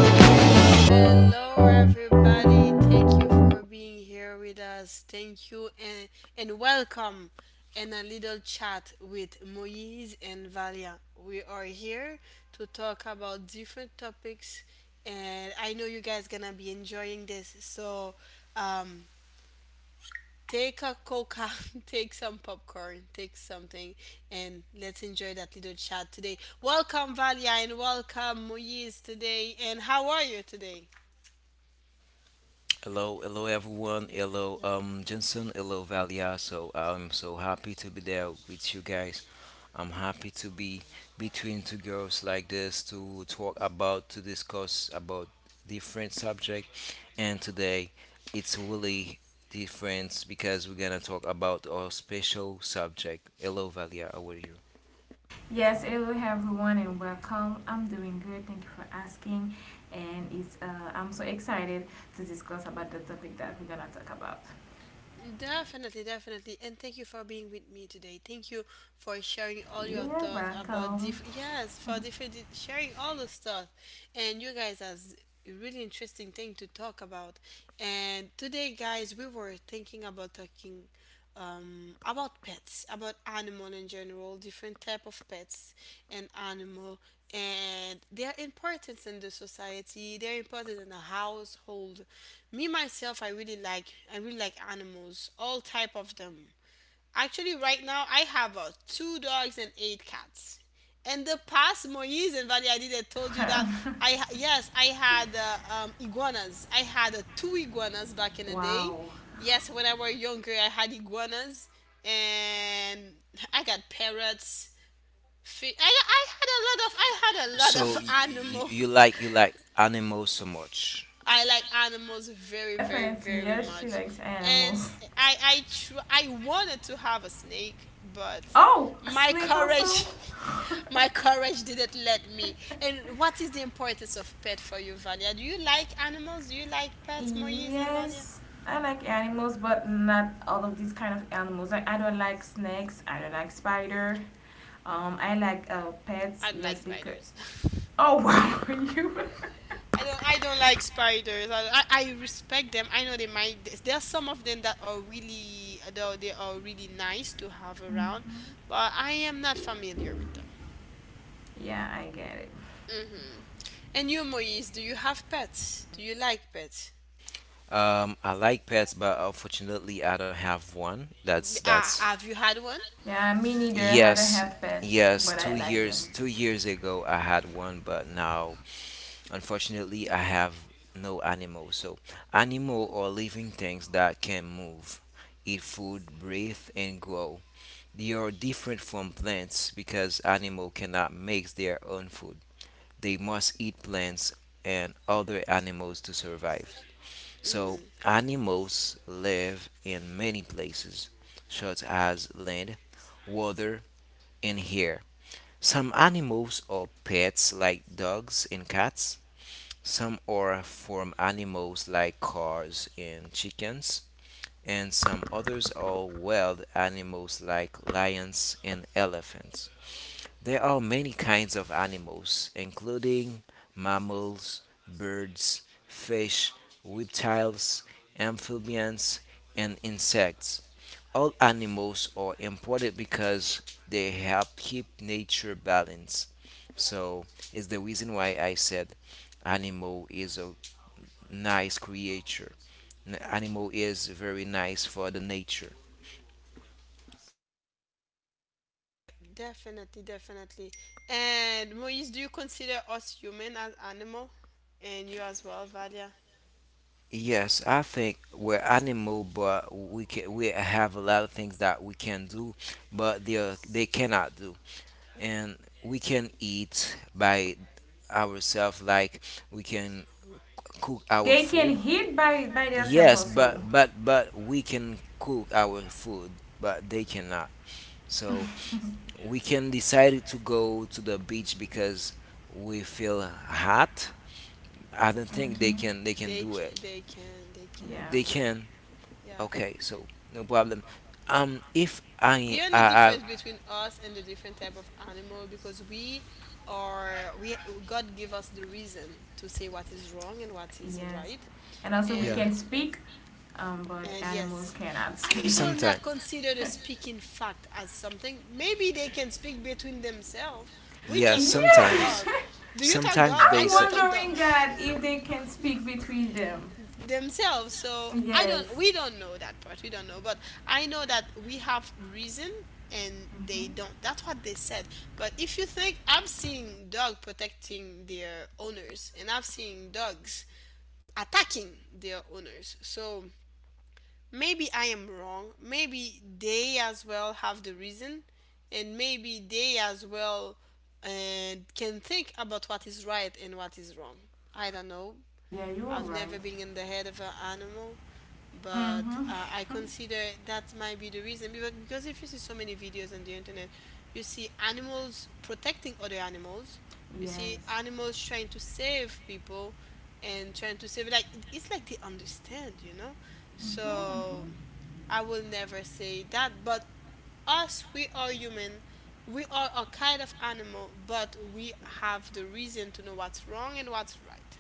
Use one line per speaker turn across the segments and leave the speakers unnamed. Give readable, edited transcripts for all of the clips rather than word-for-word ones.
Hello, hello, everybody. Thank you for being here with us. Thank you and welcome and a little chat with Moise and Valia. We are here to talk about different topics, and I know you guys gonna be enjoying this. So, um, take a coca, take some popcorn, take something, and let's enjoy that little chat today. Welcome, Valia, and welcome, Moise, today. And how are you today?
Hello, hello everyone. Hello, Jensen. Hello, Valia. So I'm so happy to be there with you guys. I'm happy to be between two girls like this to talk about, to discuss about different subject. And today, it's really different because we're gonna talk about our special subject. Hello, Valia. How are you?
Yes, hello everyone and welcome. I'm doing good. Thank you for asking. And it's I'm so excited to discuss about the topic that we're gonna talk about.
Definitely, definitely. And thank you for being with me today. Thank you for sharing all your
You are
thoughts about
welcome.
different, yes, for different, sharing all the stuff. And you guys has a really interesting thing to talk about. And today, guys, we were thinking about talking about pets, about animal in general, different type of pets and animal, and their importance in the society, their importance in the household. Me myself, I really like animals, all type of them. Actually, right now I have two dogs and eight cats. In the past, Moise and Valia did I told you that yes I had iguanas. I had two iguanas back in the day.
Wow.
Yes, when I was younger, I had iguanas, and I got parrots. I had a lot of
So y- y-
animal.
you like you like animals so much?
I like animals very, very,
Definitely,
very
yes, she
much.
likes
And
animals.
I wanted to have a snake, but
Oh, a
my
snake also?
courage my courage didn't let me. And what is the importance of pet for you, Valia? Do you like animals? Do you like pets, Moise and Valia?
Yes, I like animals, but not all of these kind of animals. Like I don't like snakes. I don't like spider. I like pets.
I don't like
Yes, because
spiders.
oh wow, you.
I don't like spiders. I respect them. I know they might. There are some of them that are really, though they are really nice to have around, but I am not familiar with them.
Yeah, I get it.
And you, Moise, do you have pets? Do you like pets?
I like pets, but unfortunately, I don't have one. That's
Have you had one?
Yeah, me neither. I don't
Yes,
have pets,
yes.
but
Two
I like
years,
them.
two years ago, I had one, but now, unfortunately, I have no animal. So, animal or living things that can move, eat food, breathe, and grow. They are different from plants because animal cannot make their own food. They must eat plants and other animals to survive.
Hmm.
So, animals live in many places, such as land, water, and air. Some animals are pets like dogs and cats. Some are farm animals like cows and chickens. And some others are wild animals like lions and elephants. There are many kinds of animals, including mammals, birds, fish, reptiles, amphibians, and insects. All animals are important because they help keep nature balanced. So it's the reason why I said animal is a nice creature. Animal is very nice for the nature.
Definitely, definitely. And Moise, do you consider us human as animal? And you as well, Valia?
Yes, I think we're animal, but we have a lot of things that we can do, but they cannot do, and we can eat by ourselves. Like we can cook our
They can
food.
hit by themselves
Yes, but
also.
we can cook our food, but they cannot. So we can decide to go to the beach because we feel hot. I don't think they
Hmm.
can they can
They
do
can,
it.
they can, they can.
Yeah.
They can.
Yeah.
Okay, so no problem. If
The
I,
only difference between us and the different type of animal, because we are we God give us the reason to say what is wrong and what is
Yes.
right.
And also we
Yeah.
can
and
speak, but
And
animals
yes,
cannot
I
speak.
will
sometime,
not consider the speaking fact as something. Maybe they can speak between themselves. We
yeah,
just don't talk
Yeah.
sometimes,
dog. Do you talk
sometimes
dog? I
they
I'm
say,
don't talk dog.
wondering that if they can speak between them.
themselves. So I don't.
Yes.
We don't know that part. We don't know. But I know that we have reason, and they
Hmm.
don't. That's what they said. But if you think, I've seen dog protecting their owners, and I've seen dogs attacking their owners, so maybe I am wrong. Maybe they as well have the reason, and maybe they as well can think about what is right and what is wrong. I don't know.
Yeah, you're
I've
right.
never been in the head of an animal, but I
Mm-hmm.
consider that might be the reason, because if you see so many videos on the internet, you see animals protecting other animals, you see
yes.
animals trying to save people and trying to save, like it's like they understand.
Hmm.
So I will never say that, but us, we are human. We are a kind of animal, but we have the reason to know what's wrong and what's right.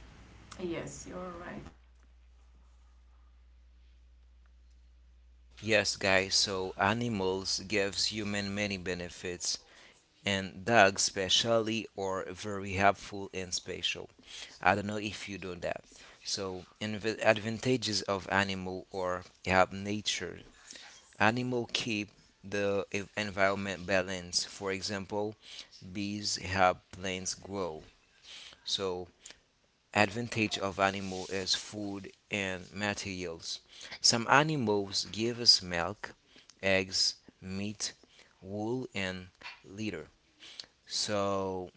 Yes, you're right.
yes, guys. So animals gives human many benefits, and dogs especially are very helpful and special. I don't know if you know that. So, advantages of animal or help nature. Animal keep the environment balanced. For example, bees help plants grow. So advantage of animal is food and materials. Some animals give us milk, eggs, meat, wool and litter. So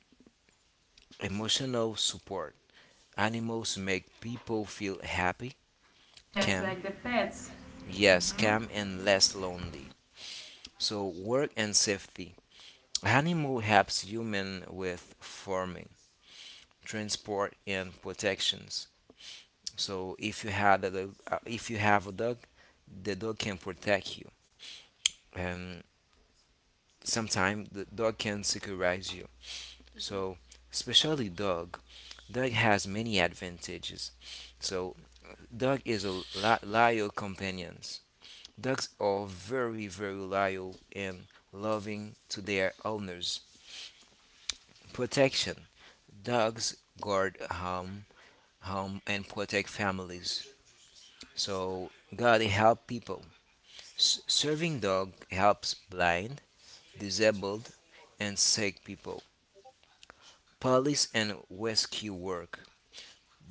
emotional support. Animals make people feel happy,
Yes,
calm,
like the pets.
yes,
Hmm.
calm and less lonely. So work and safety. Animal helps human with farming, transport, and protections. So if you had a dog, if you have a dog, the dog can protect you, and sometimes the dog can securize you. So especially dog has many advantages. So dog is a loyal companions. Dogs are very very loyal and loving to their owners. Protection. Dogs guard home and protect families. So God help people. Serving dog helps blind, disabled, and sick people. Police and rescue work.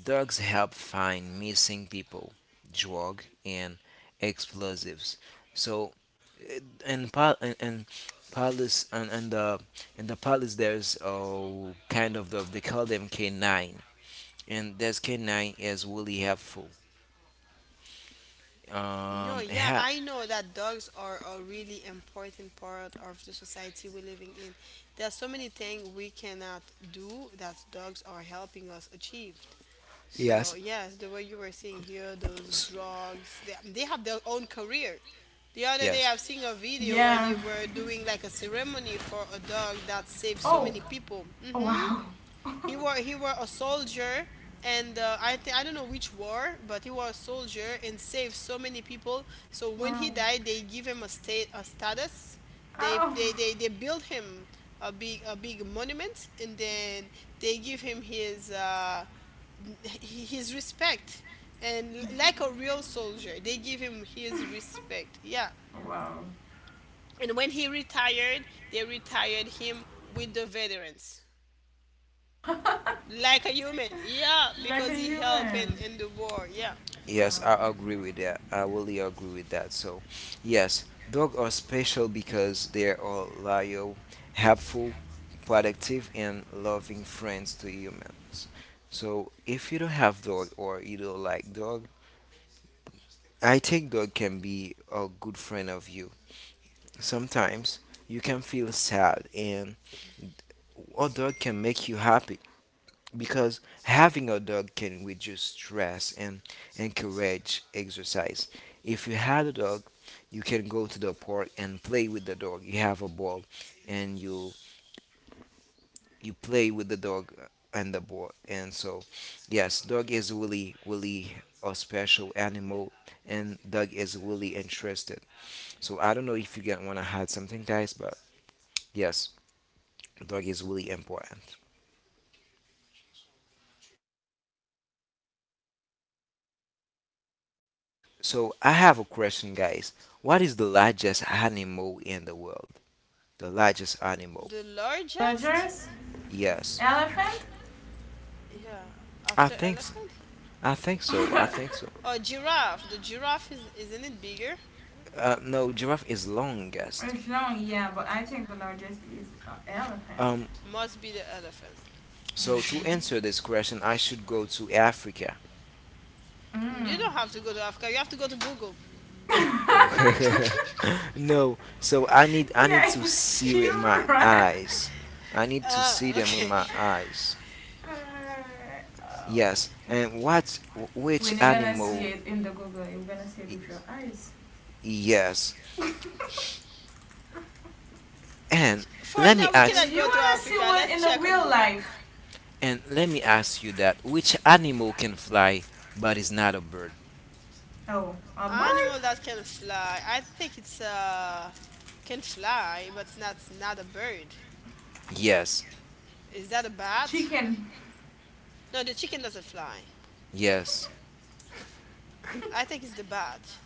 Dogs help find missing people, drug and explosives. So eh, and police and the police, there's a kind of dog. They call them K-9 and that's K-9 is really helpful
No,
um
yeah,
ha-
I know that dogs are a really important part of the society we're living in. There are so many things we cannot do that dogs are helping us achieve. So,
Yes.
yes, the way you were saying here, those
S-
drugs, they have their own career. The other day, I've
Yes.
seen a video where they
Yeah.
were doing like a ceremony for a dog that saved so
Oh.
many people.
Oh
Hmm.
wow.
He were a soldier, and I don't know which war, but he was a soldier and saved so many people. So when he
wow.
died, they give him a status. They
Oh.
they they, they build him a big monument, and then they give him his his respect. And like a real soldier, they give him his respect. Yeah.
Wow.
And when he retired, they retired him with the veterans like a human. Yeah,
Like a
because he helped in
human.
in the war. Yeah.
Wow.
Yes, I agree with that. I really agree with that. So, yes, dogs are special because they are loyal, helpful, productive, and loving friends to humans. So, if you don't have dog or you don't like dog, I think dog can be a good friend of you. Sometimes you can feel sad, and a dog can make you happy, because having a dog can reduce stress and encourage exercise. If you had a dog, you can go to the park and play with the dog. You have a ball and you play with the dog and the ball. And so, yes, dog is really really a special animal and dog is really interested. So I don't know if you get want to add something guys, but yes, dog is really important. So I have a question, guys. What is the largest animal in the world? The largest animal?
The largest?
Largest
Yes,
elephant?
Yeah,
I
after
think so.
elephant.
I think so. I think so.
Or giraffe? The giraffe is isn't it bigger?
No, giraffe is longest.
It's long, yeah, but I think the largest is an elephant.
Um,
Must be the elephant.
so to answer this question, I should go to Africa.
You
Mm.
don't have to go to Africa, you have to go to Google.
No, so I need to
yeah,
see with
you're
my
right.
eyes. I need to see
uh
them with my
okay
eyes.
Uh, oh.
Yes, and what which
When you're gonna see
animal?
it in the Google, you're gonna see it with
y-
your eyes.
Yes, and
For
let me
now we
ask
cannot
You
go to
wanna see
Africa.
one in
Let's
the
check on
real
Google.
life?
Let me ask you that which animal can fly but is not a bird?
Oh, a bird?
Animal that can fly, I think it's can fly but it's not a bird.
Yes,
Is that a bat?
Chicken.
No, the chicken doesn't fly.
yes,
I think it's the bat.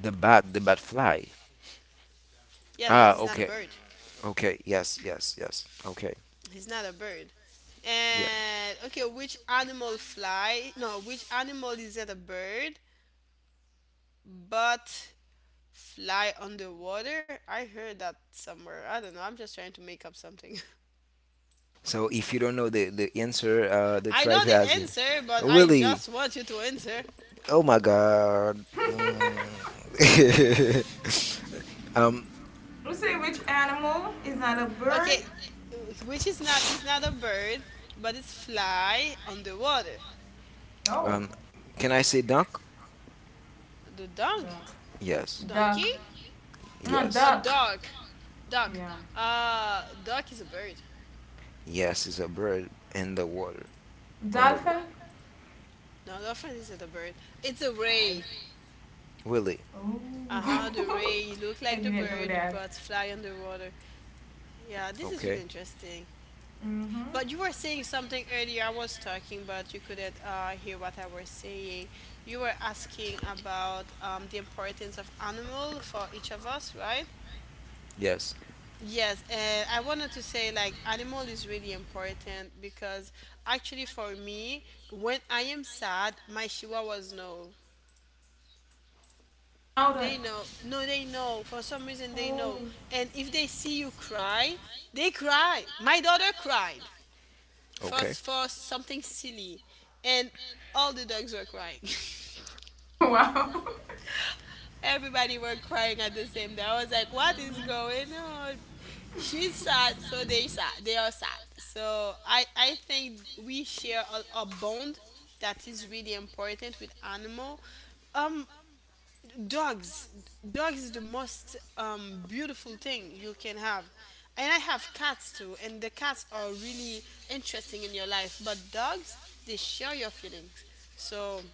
the bat fly.
Yes, but
Ah,
he's not a
okay,
bird.
okay, yes, yes, yes, okay,
He's not a bird.
yeah.
And okay, which animal fly? No, which animal is not a bird but fly underwater? I heard that somewhere. I don't know. I'm just trying to make up something.
So if you don't know the answer, the
I know
try to
the
ask it.
answer, but I
Willie,
just want you to answer.
oh my god. Mm. um,
You say which animal is not a
Okay,
bird?
which is not a bird, but it's fly underwater.
No.
um, can I say duck?
The dunk,
Duck.
Yes,
donkey,
Duck. No,
yes,
a
duck.
duck, duck.
Yeah.
Duck is a bird.
yes, it's a bird in the water, on the water.
Dolphin?
No, the elephant isn't a bird. It's a
I.
ray.
Willie,
Oh.
Aha, the ray look
I
like the
didn't know
bird
that.
but fly underwater. Yeah, this is
okay,
really interesting.
Mm-hmm.
But you were saying something earlier. I was talking, but you couldn't hear what I was saying. You were asking about the importance of animal for each of us, right?
yes.
Yes, and I wanted to say, like, animal is really important because actually for me, when I am sad, my chihuahuas know.
How the.
They know. No, they know. For some reason, they
Oh.
know. And if they see you cry, they cry. My daughter cried for,
Okay.
for something silly. And all the dogs were crying.
Wow.
Everybody were crying at the same time. I was like, what is
Mm-hmm.
going on? She's sad, so they sad. They are sad. So I think we share a bond that is really important with animal. Um, dogs dogs is the most beautiful thing you can have, and I have cats too, and the cats are really interesting in your life, but dogs, they share your feelings. So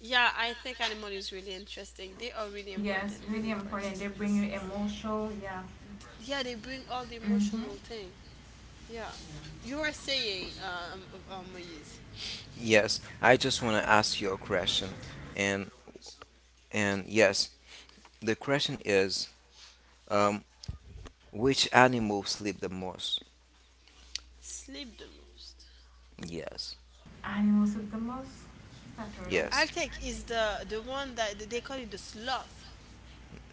yeah, I think animal is really interesting. They are really
Yes,
important, really
really
important.
important. They bring you emotional. Yeah.
Yeah, they bring all the
Mm-hmm.
emotional thing. Yeah.
Yeah.
You were saying, Moise.
Yes, I just want to ask you a question, and and yes, the question is, um, which animal sleep the most?
Sleep the most?
Yes,
Animals with the most. It's not turtle.
I'll
yes.
take is the one that they call it the sloth.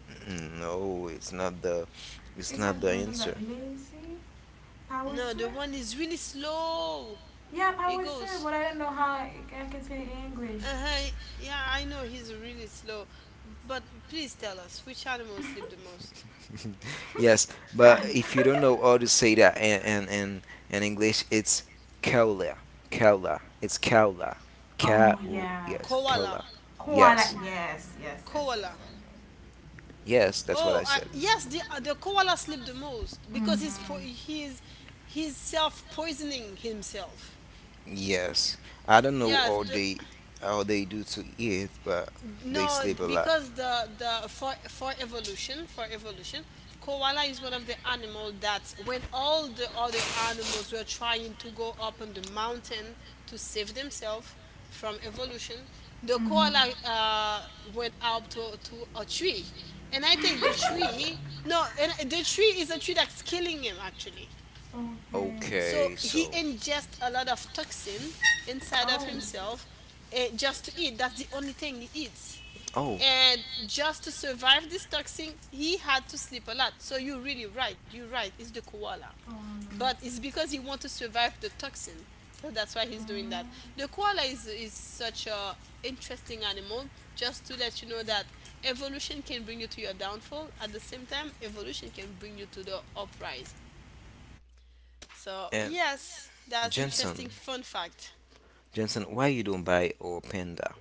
Mm, no, it's
It's
not
not
the
does that
answer.
lazy power
No, the
sir.
one is really slow.
Yeah,
He
power sir.
goes,
But I don't know how I can say it in English.
uh huh. Yeah, I know he's really slow, but please tell us, which animals sleep the most?
Yes, but
God.
if you don't know how to say that in English, it's koala, koala. It's koala,
Oh
cow.
yeah,
Yes, koala.
Koala.
koala.
Yes,
Yes, yes, yes,
Koala.
yes. I do.
yes. That's what
Oh,
I said.
yes, the koala sleep the most because he's po-
Mhm.
he's self poisoning himself.
Yes, I don't know
Yes,
how
the.
they how they do to eat, but they
No,
sleep a lot.
because the for evolution, koala is one of the animal that when all the other animals were trying to go up on the mountain to save themselves from evolution, the
Mhm.
koala went up to a tree, and I think the
Koala.
tree. No, and the tree is a tree that's killing him actually.
Okay.
So
Okay,
he
so
ingests a lot of toxin
Oh.
inside of
Koala.
himself, just to eat. That's the only thing he eats.
oh,
And just to survive this toxin, he had to sleep a lot. So you're really right. You're right. It's the koala. But it's because he wants to survive the toxin. So that's why he's doing that.
Mm.
The koala is such a interesting animal. Just to let you know that evolution can bring you to your downfall. At the same time, evolution can bring you to the uprise. So,
and
yes, that's interesting
Jensen,
fun fact.
Jensen, why you don't buy or panda?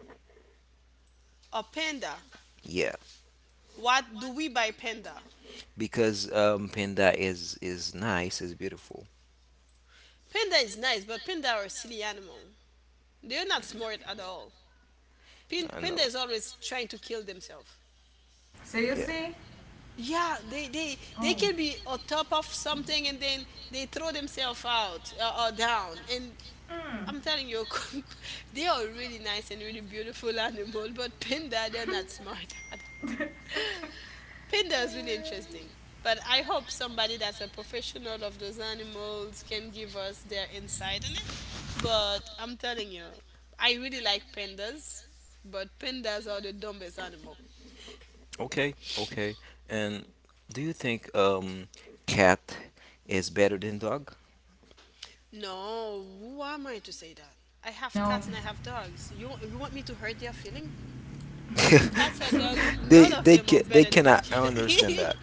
A panda.
Yeah,
What do we buy panda?
because panda is nice, is beautiful.
Panda is nice, but panda are a silly animal. They're not smart at all.
I
Panda
know.
is always trying to kill themselves.
Yeah.
Seriously?
Yeah, they
Oh.
can be on top of something, and then they throw themselves out, or down. And
Mm.
I'm telling you, they are really nice and really beautiful animal, but panda, they're not smart at all. Pinda is really
Yeah.
interesting. But I hope somebody that's a professional of those animals can give us their insight on it. But I'm telling you, I really like pandas, but pandas are the dumbest animal.
Okay, okay. And do you think cat is better than dog?
No, who am I to say that? I have
No.
cats and I have dogs. You want me to hurt their feeling? Cats or dogs, none of them are
They
better than
cannot
each other.
understand that.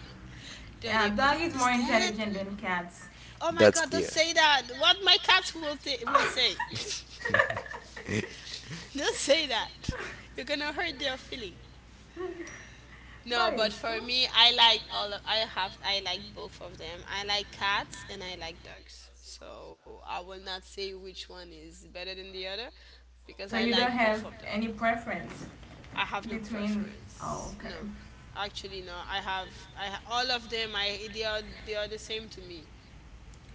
Do
Yeah,
they, do
dog
they
is more
understand?
intelligent than cats.
Oh my
That's
god, don't
clear.
say that. What my cats will, th-
but
will say. Don't say that. You're gonna hurt their feeling. No, but
it's true.
for me, I like all of. I have. I like both of them. I like cats and I like dogs. So I will not say which one is better than the other, because
So
I
you
like
don't
both
have
of them.
any preference
I have no
between. Oh,
preference.
okay.
No, actually, no. I have. All of them. I They are the same to me.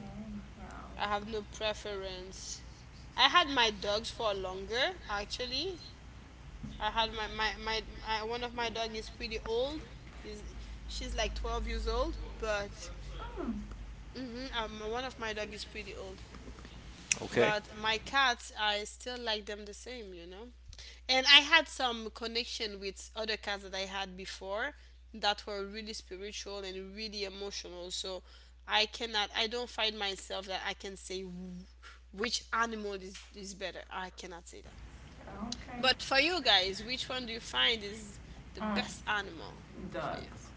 Oh, wow.
I have no preference. I had my dogs for longer actually. I had my one of my dog is pretty old. Is She's like 12 years old, but
Mm.
one of my dog is pretty old.
Okay.
But my cats, I still like them the same. And I had some connection with other cats that I had before that were really spiritual and really emotional. So I don't find myself that I can say which animal is better. I cannot say that.
Okay.
But for you guys, which one do you find is the
Um,
best animal for you?
dogs,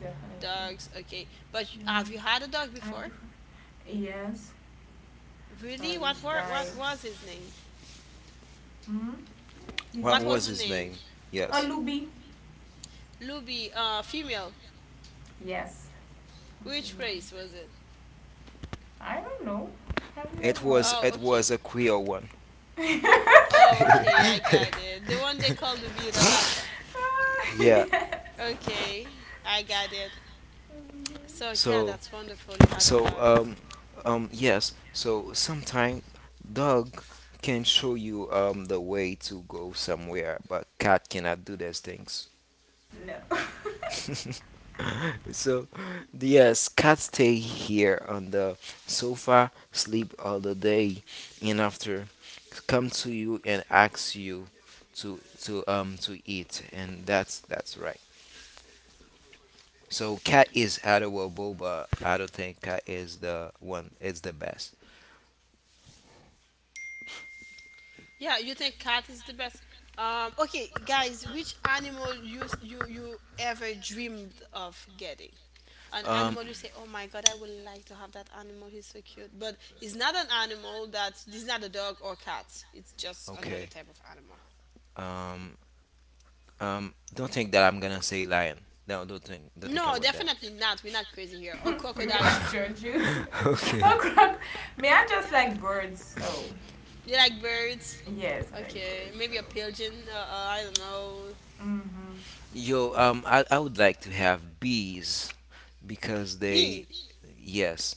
definitely.
Dogs, okay. But
Yeah.
have you had a dog
I
before?
prefer. Yes.
Really?
Or
What
guy.
was his name?
Hmm? His
What
What was
was
name?
the
his
name?
name?
Oh,
Yes.
Luby.
Luby, female.
Yes,
Which
female.
race was it?
I don't know. How do you
It was
know?
Oh,
it was
okay.
a Creole one.
Oh, okay, I got it. The one they call the birralata.
Ah,
Yeah.
yeah.
Okay, I got it.
Mm-hmm.
So yeah,
So
that's wonderful. You had a
so
dog.
um yes. So sometime dog can show you the way to go somewhere, but cat cannot do those things.
No.
So, yes, cats stay here on the sofa, sleep all the day, and after come to you and ask you to eat, and that's right. So, cat is adorable, but I don't think cat is the one. It's the best.
Yeah, you think cat is the best? Okay, guys, which animal you ever dreamed of getting? An
Um,
animal you say, "Oh my God, I would like to have that animal. He's so cute." But it's not an animal that it's not a dog or cat. It's just
okay.
another type of animal.
Um, don't think that I'm gonna say lion. No, don't think
No,
about that.
definitely not. We're not crazy here. Or
We will
crocodile.
not judge you. Oh
Okay.
crap. May I just like birds? Oh,
You like birds?
yes, I like
Okay,
birds. So.
maybe a pigeon. I don't know.
Mm-hmm.
Yo, I would like to have bees, because they,
Bee,
yes.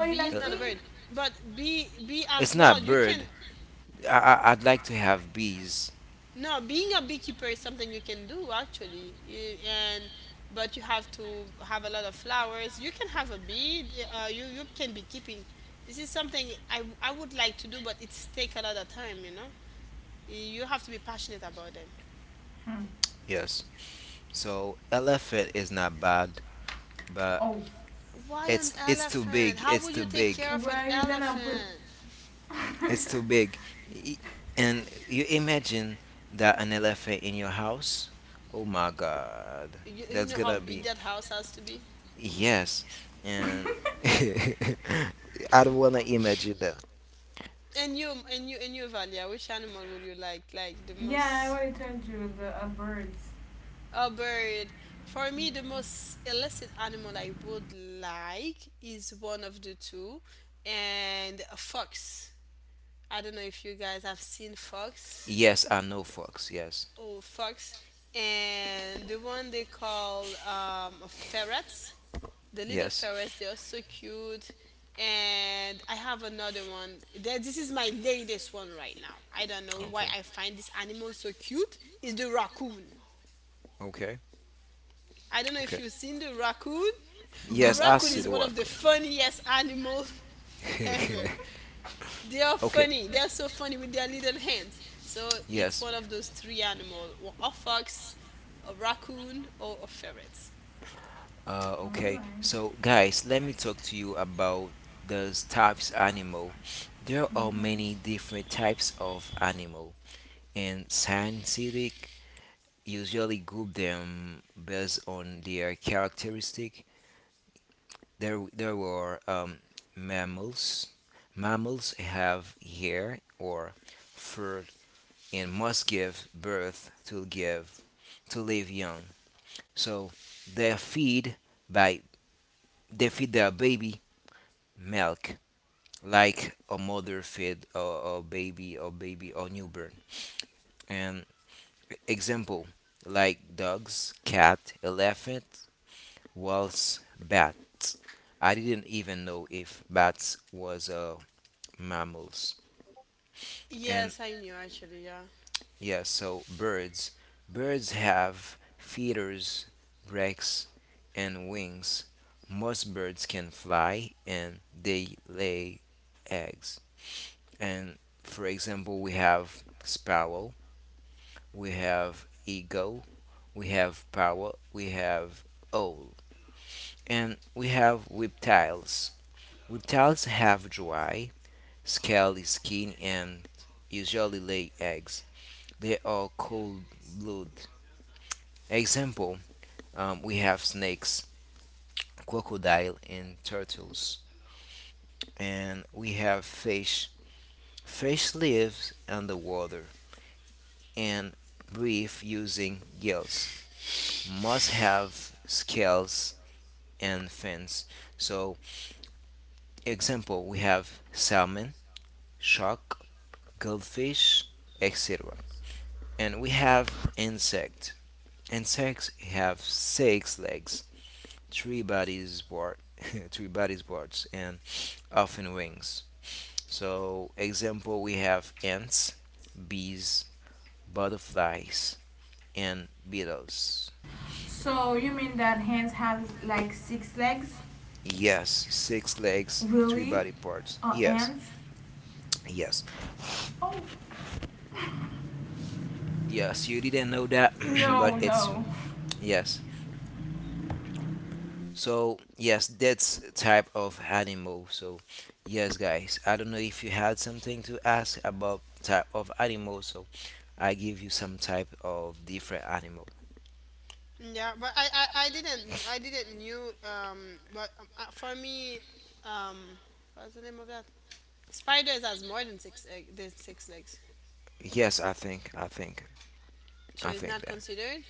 Oh, you
bee is
Uh,
like
not a
bee?
bird. But bee
it's
as well.
not
You can
bird. I'd like to have bees.
no, being a beekeeper is something you can do actually, and but you have to have a lot of flowers. You can have a bee. You you can be keeping. This is something I would like to do, but it's take a lot of time. You know, you have to be passionate about them.
Yes. So elephant is not bad, but
Oh,
Why an
it's too
elephant?
big,
How
it's
would
too
you take care
big,
of
where
an
are you gonna put?
elephant?
it's too big. Y- and you imagine that an elephant in your house? Oh my god,
You
that's
know
gonna
how
be...
big that house has to be.
yes. And I don't wanna imagine that.
And you Valia, which animal would you like the
Yeah, I
most?
already told you the birds.
A bird. For me, the most illicit animal I would like is one of the two, and a fox. I don't know if you guys have seen fox.
Yes, I know fox. Yes,
Oh, fox. And the one they call a ferret. The little
yes.
ferrets, they are so cute. And I have another one. That This is my latest one right now. I don't know why
Okay.
I find this animal so cute. Is the raccoon.
Okay.
I don't know if
Okay.
you've seen the raccoon. The
Yes, I
raccoon
see
Raccoon.
is
the
one of the
worker.
funniest animals ever. They are
Okay.
funny. They are so funny with their little hands. So it's
Yes.
one of those three animals: or a fox, a raccoon, or a ferret.
All
Okay.
right.
So, guys, let me talk to you about those types animal. There are
Hmm.
many different types of animal, and scientific usually group them based on their characteristic. There were mammals. Mammals have hair or fur and must give birth to live young. So they feed by they feed their baby milk like a mother feed a baby or newborn. And example like dogs, cat, elephant, wolves, bats. I didn't even know if bats was mammals. And
Yes, I knew actually. Yeah,
yeah, so birds. Birds have feathers, breasts, and wings. Most birds can fly and they lay eggs. And for example, we have sparrow, we have eagle, we have parrot, we have owl, and we have reptiles. Reptiles have dry, scaly skin and usually lay eggs. They are cold blooded. Example. We have snakes, crocodile, and turtles. And we have fish. Fish lives underwater and breathe using gills. Must have scales and fins. So, example, we have salmon, shark, goldfish, etc. And we have insect. Insects have six legs, three bodies, board, three bodies, boards, and often wings. So, example, we have ants, bees, butterflies, and beetles.
So you mean that hands have like six legs?
Yes, six legs, three
Really?
body parts.
Or
Yes,
ants?
yes,
Oh
yes. You didn't know that, but
no
it's true.
no
Yes. So yes, that's type of animal. So yes, guys. I don't know if you had something to ask about type of animal. So I give you some type of different animal.
yeah, but I didn't knew. But for me, um, what's the name of that? Spiders has more than six legs,
Yes,
so
I
it's
think
not
that.
considered.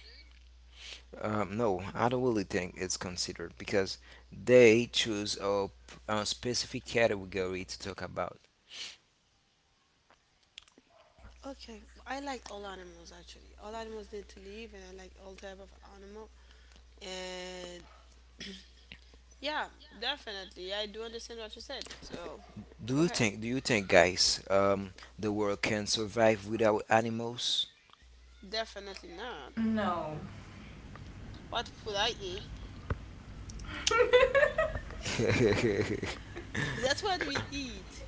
No, I don't really think it's considered because they choose a specific category to talk about.
Okay, I like all animals actually. All animals need to live, and I like all type of animal. And yeah, definitely, I do understand what you said. So,
Do
go
you
ahead.
think? Do you think, guys, the world can survive without animals?
Definitely not.
no.
What would I eat? That's what we eat.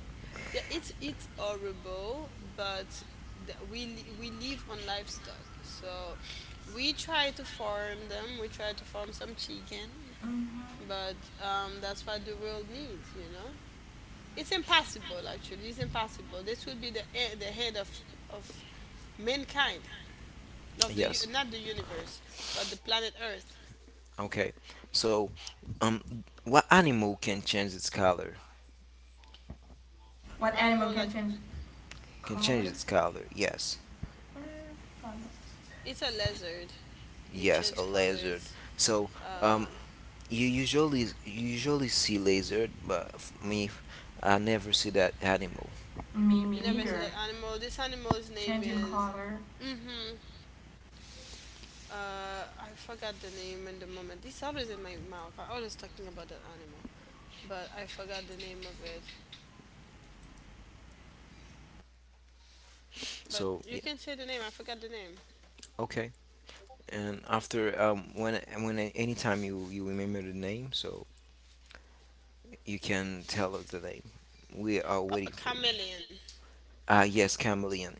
It's horrible, but we live on livestock, so we try to farm them. We try to farm some chicken,
Mhm.
but that's what the world needs, you know. It's impossible, actually. It's impossible. This will be the head of of mankind, of
Yes.
not the universe, but the planet Earth.
Okay. So, what animal can change its color?
What animal
Animal
can
like
change
Can
color?
change its color? Yes.
it's a lizard. It
Yes, a
change
lizard.
colors.
So,
Uh,
um, you usually see lizard, but me, I never see that animal.
Me
you never seen
neither.
that animal. This animal's name
Changing
is.
color.
Mm-hmm. Uh, I forgot the name in the moment. It's always in my mouth. I always talking about that animal, but I forgot the name of it. But
So,
you
yeah.
can say the name. I forgot the name.
Okay. And after when anytime you remember the name, so you can tell us the name. We are waiting
A
for you.
chameleon.
Ah, yes, chameleon.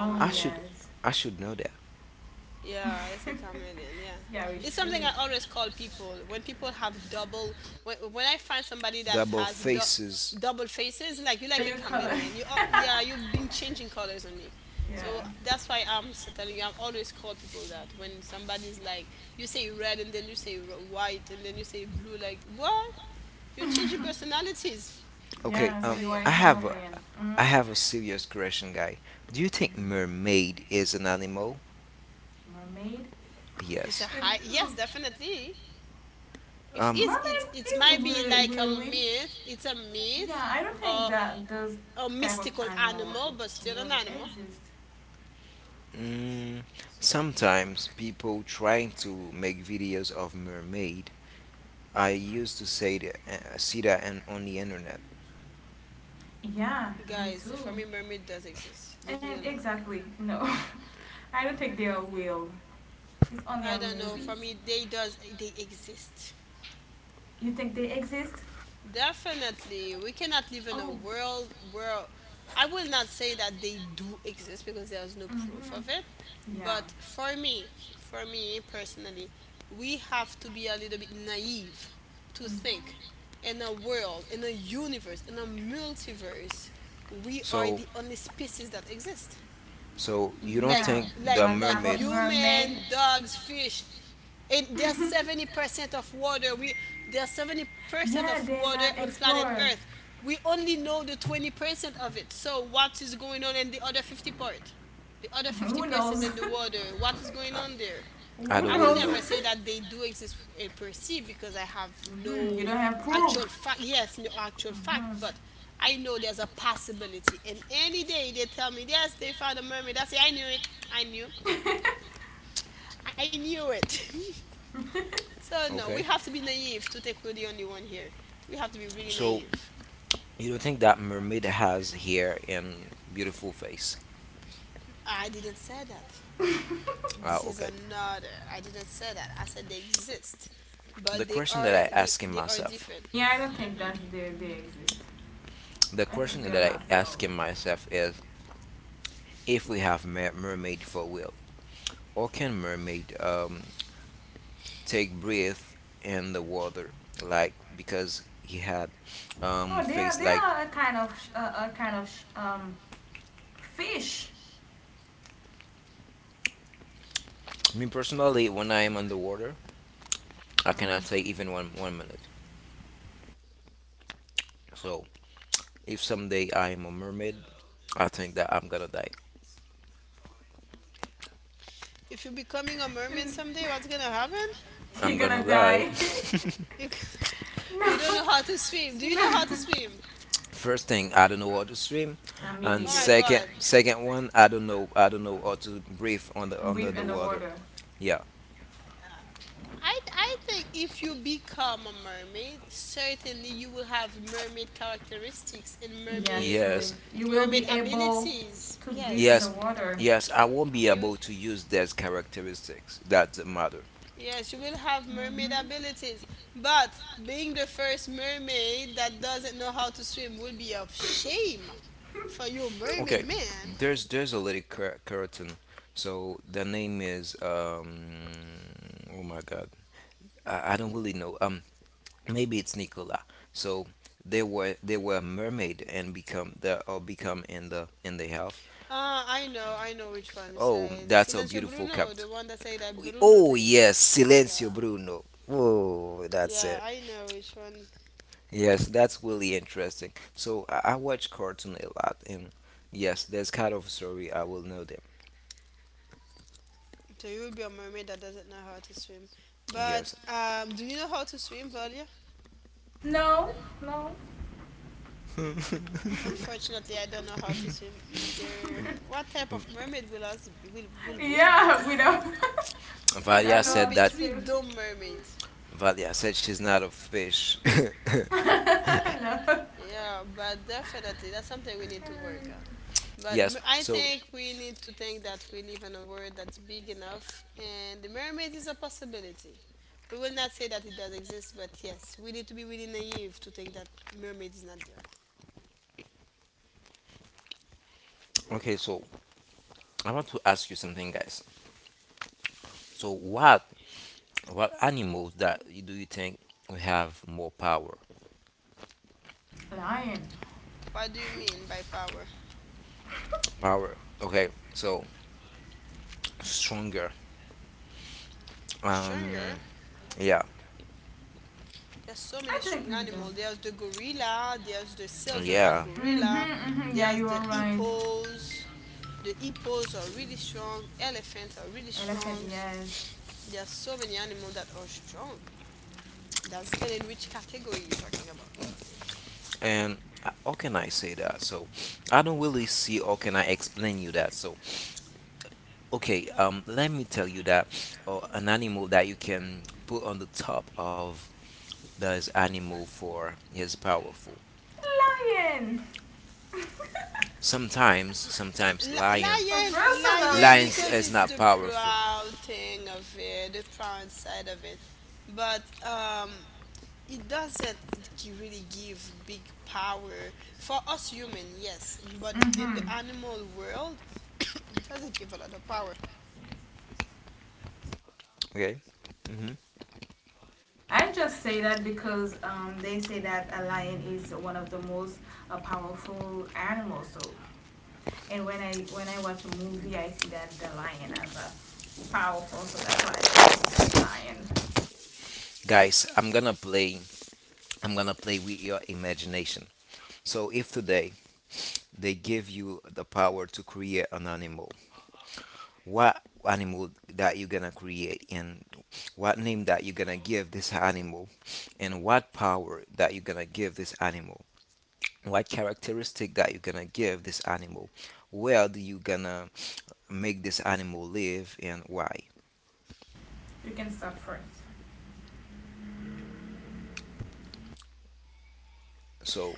Oh
I should
yes.
I should know that.
Yeah, it's a chameleon. Yeah,
Yeah we
it's something
should.
I always call people when people have double. When I find somebody that
Double
has
faces.
double faces, like you
So
like a
you color.
chameleon. Yeah, you've been changing colors on me, so
yeah
that's why telling you. I'm always call people that when somebody's like you say red and then you say white and then you say blue. Like what? You're changing personalities.
Okay.
yeah. So
So
you
yeah,
are a chameleon.
I
Mm?
have a serious question, guy. Do you think mermaid is an animal?
Mermaid.
it's a
Yes.
high.
Uh,
Yes, definitely. If
Um.
it's it
Mermaid
it
is
might be
really
like a
really
myth. It's a
yeah,
myth,
I don't think
or
that those
a
type of
mystical
animal
animal, but still an
will
animal.
exist.
Mm, Sometimes people trying to make videos of mermaid. I used to say that, see that and on the internet.
Yeah, me
Guys, for
too.
me, mermaid does exist. Leave me
And
alone.
exactly, no. I don't think they will. It's only
I
on
don't know. For
movies.
me, they does they exist.
You think they exist?
Definitely, we cannot live in a
Oh,
world where I will not say that they do exist because there's no proof
mm-hmm.
of it.
Yeah.
But for me personally, we have to be a little bit naive to think in a world, in a universe, in a multiverse, we are
So,
the only species that exist.
so you don't
Like
Yeah,
think the
but
like
about
mermaid?
mermaid?
human dogs fish, and there's 70% of water we there's 70% of
Yeah, they're
water
not
on planet
explorer.
earth. We only know the 20% of it, so what is going on in the other 50 part, the other
Who
50%
knows?
in the water, what is going on there?
I
Who
don't
I will
really
knows?
know.
never say that they do exist per se because I have
Hmm. You
no
don't have
actual
proof.
fact. Yes, no actual fact, but I know there's a possibility. And any day they tell me, yes, they found a mermaid, I say, I knew it. I knew. I knew it. So, no, we
Okay.
have to be naive to take we're the only one here. We have to be really
So
naive.
you don't think that mermaid has hair and beautiful face?
I didn't say that.
Ah,
This is
okay.
another. I didn't say that. I said they exist, but
The
they
question
are
that I asking
they are
myself,
different.
Yeah, I don't think that they exist.
the
I
question
think they are
that I
not real.
asking myself is, if we have mermaid for will, or can mermaid take breath in the water? Like because he had
Oh,
face
they
like
are a kind of sh- a kind of sh- fish.
me personally when I am underwater, I
Mm.
cannot say even one minute. So if someday I am a mermaid, I think that I'm gonna die.
If you're becoming a mermaid someday, what's gonna happen?
You're
I'm gonna
gonna
die.
die.
You, you don't know how to swim. Do you know how to swim?
First thing, I don't know how to swim,
And me
and
Oh my
neither.
second,
god.
I don't know how to breathe
And
under
breathe
the
in the
water.
water.
Yeah.
I think if you become a mermaid, certainly you will have mermaid characteristics and
Yeah, so
Yes.
you will
mermaid
be able
abilities.
to breathe in the
Yes.
Yes.
water.
Yes. I won't be
You
able to use those characteristics that matter.
yes, you will have mermaid
Hmm.
abilities. But being the first mermaid that doesn't know how to swim would be a shame for you mermaid
Okay.
man.
There's a little curtain. So the name is Oh my God. I don't really know. Maybe it's Nicola. So they were a mermaid and become the or become in the health.
Ah, I know which one is.
Oh, that's a
Silencio
beautiful
Bruno,
cap.
the one that said that Bruno
Oh
thing.
yes,
Yeah.
Silencio Bruno. Whoa, that's
Yeah,
it.
I know which one.
Yes, that's really interesting. So I watch cartoon a lot, and yes, there's kind of story I will know them.
So you will be a mermaid that doesn't know how to swim. But
Yes,
do you know how to swim, Valia?
No, no.
Unfortunately, I don't know how to swim either. What type of mermaid will us will we
Yeah,
be?
without
Valia
without
We
know
will
how
said
be
to
that.
three
swim.
dumb mermaids.
Valia said she's not a fish.
Yeah, but definitely that's something we need to work on. But
yes.
I
So
think we need to think that we live in a world that's big enough, and the mermaid is a possibility. We will not say that it does exist, but yes, we need to be really naive to think that mermaid is not there.
okay, so I want to ask you something, guys. So why? What animals that do you think we have more power?
Lion.
What do you mean by power?
Power. Okay, so stronger. Um,
Stronger?
yeah,
There's so
I
many
think
strong
it's them.
animals. There's the gorilla, there's the silverback
yeah.
Mm-hmm,
gorilla,
mm-hmm. Yeah,
there's
you
the
are right.
hippos. The hippos are really strong, elephants are really
Elephant,
strong.
yes.
There's so many animals that are strong. That's depending which category you're talking about.
And how can I say that? So I don't really see how can I explain you that. So okay, let me tell you that an animal that you can put on the top of this animal for is powerful.
Lion.
Sometimes, sometimes lion,
Or
Lion, lion,
Personally.
lions
because
is
it's
not
the
powerful.
proud thing of it, the proud side of it. But it doesn't really give big power for us human, yes, but in the
Mm-hmm.
animal world it doesn't give a lot of power.
Okay. hmm
I just say that because they say that a lion is one of the most powerful animals. So, and when I watch a movie, I see that the lion as a powerful. So that's why I say it's lion.
Guys, I'm gonna play. I'm gonna play with your imagination. So, if today they give you the power to create an animal, what animal that you gonna create, and what name that you gonna give this animal, and what power that you gonna give this animal, what characteristic that you gonna give this animal, where do you gonna make this animal live, and why?
You can start first.
So,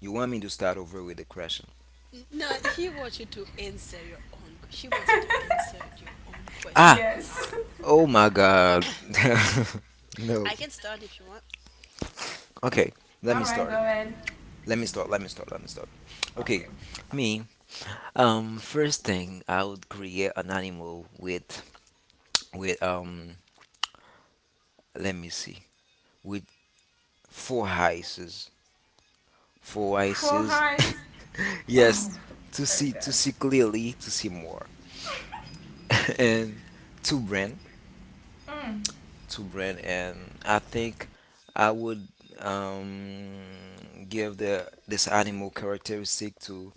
you want me to start over with the question?
No, he wants you to answer your own he wants you to answer your own question.
Ah,
yes.
oh my God,
I
no.
can start if you want.
Okay, let me
All right,
start.
go ahead.
Let me start. Let me start. Let me start. Okay,
Okay.
me. First thing I would create an animal with with um. Let me see. With four eyes. Four
Four
eyes.
eyes.
yes,
Very
to
good.
see clearly, to see more, and two brain,
Mm.
two brain, and I think I would um give the this animal characteristic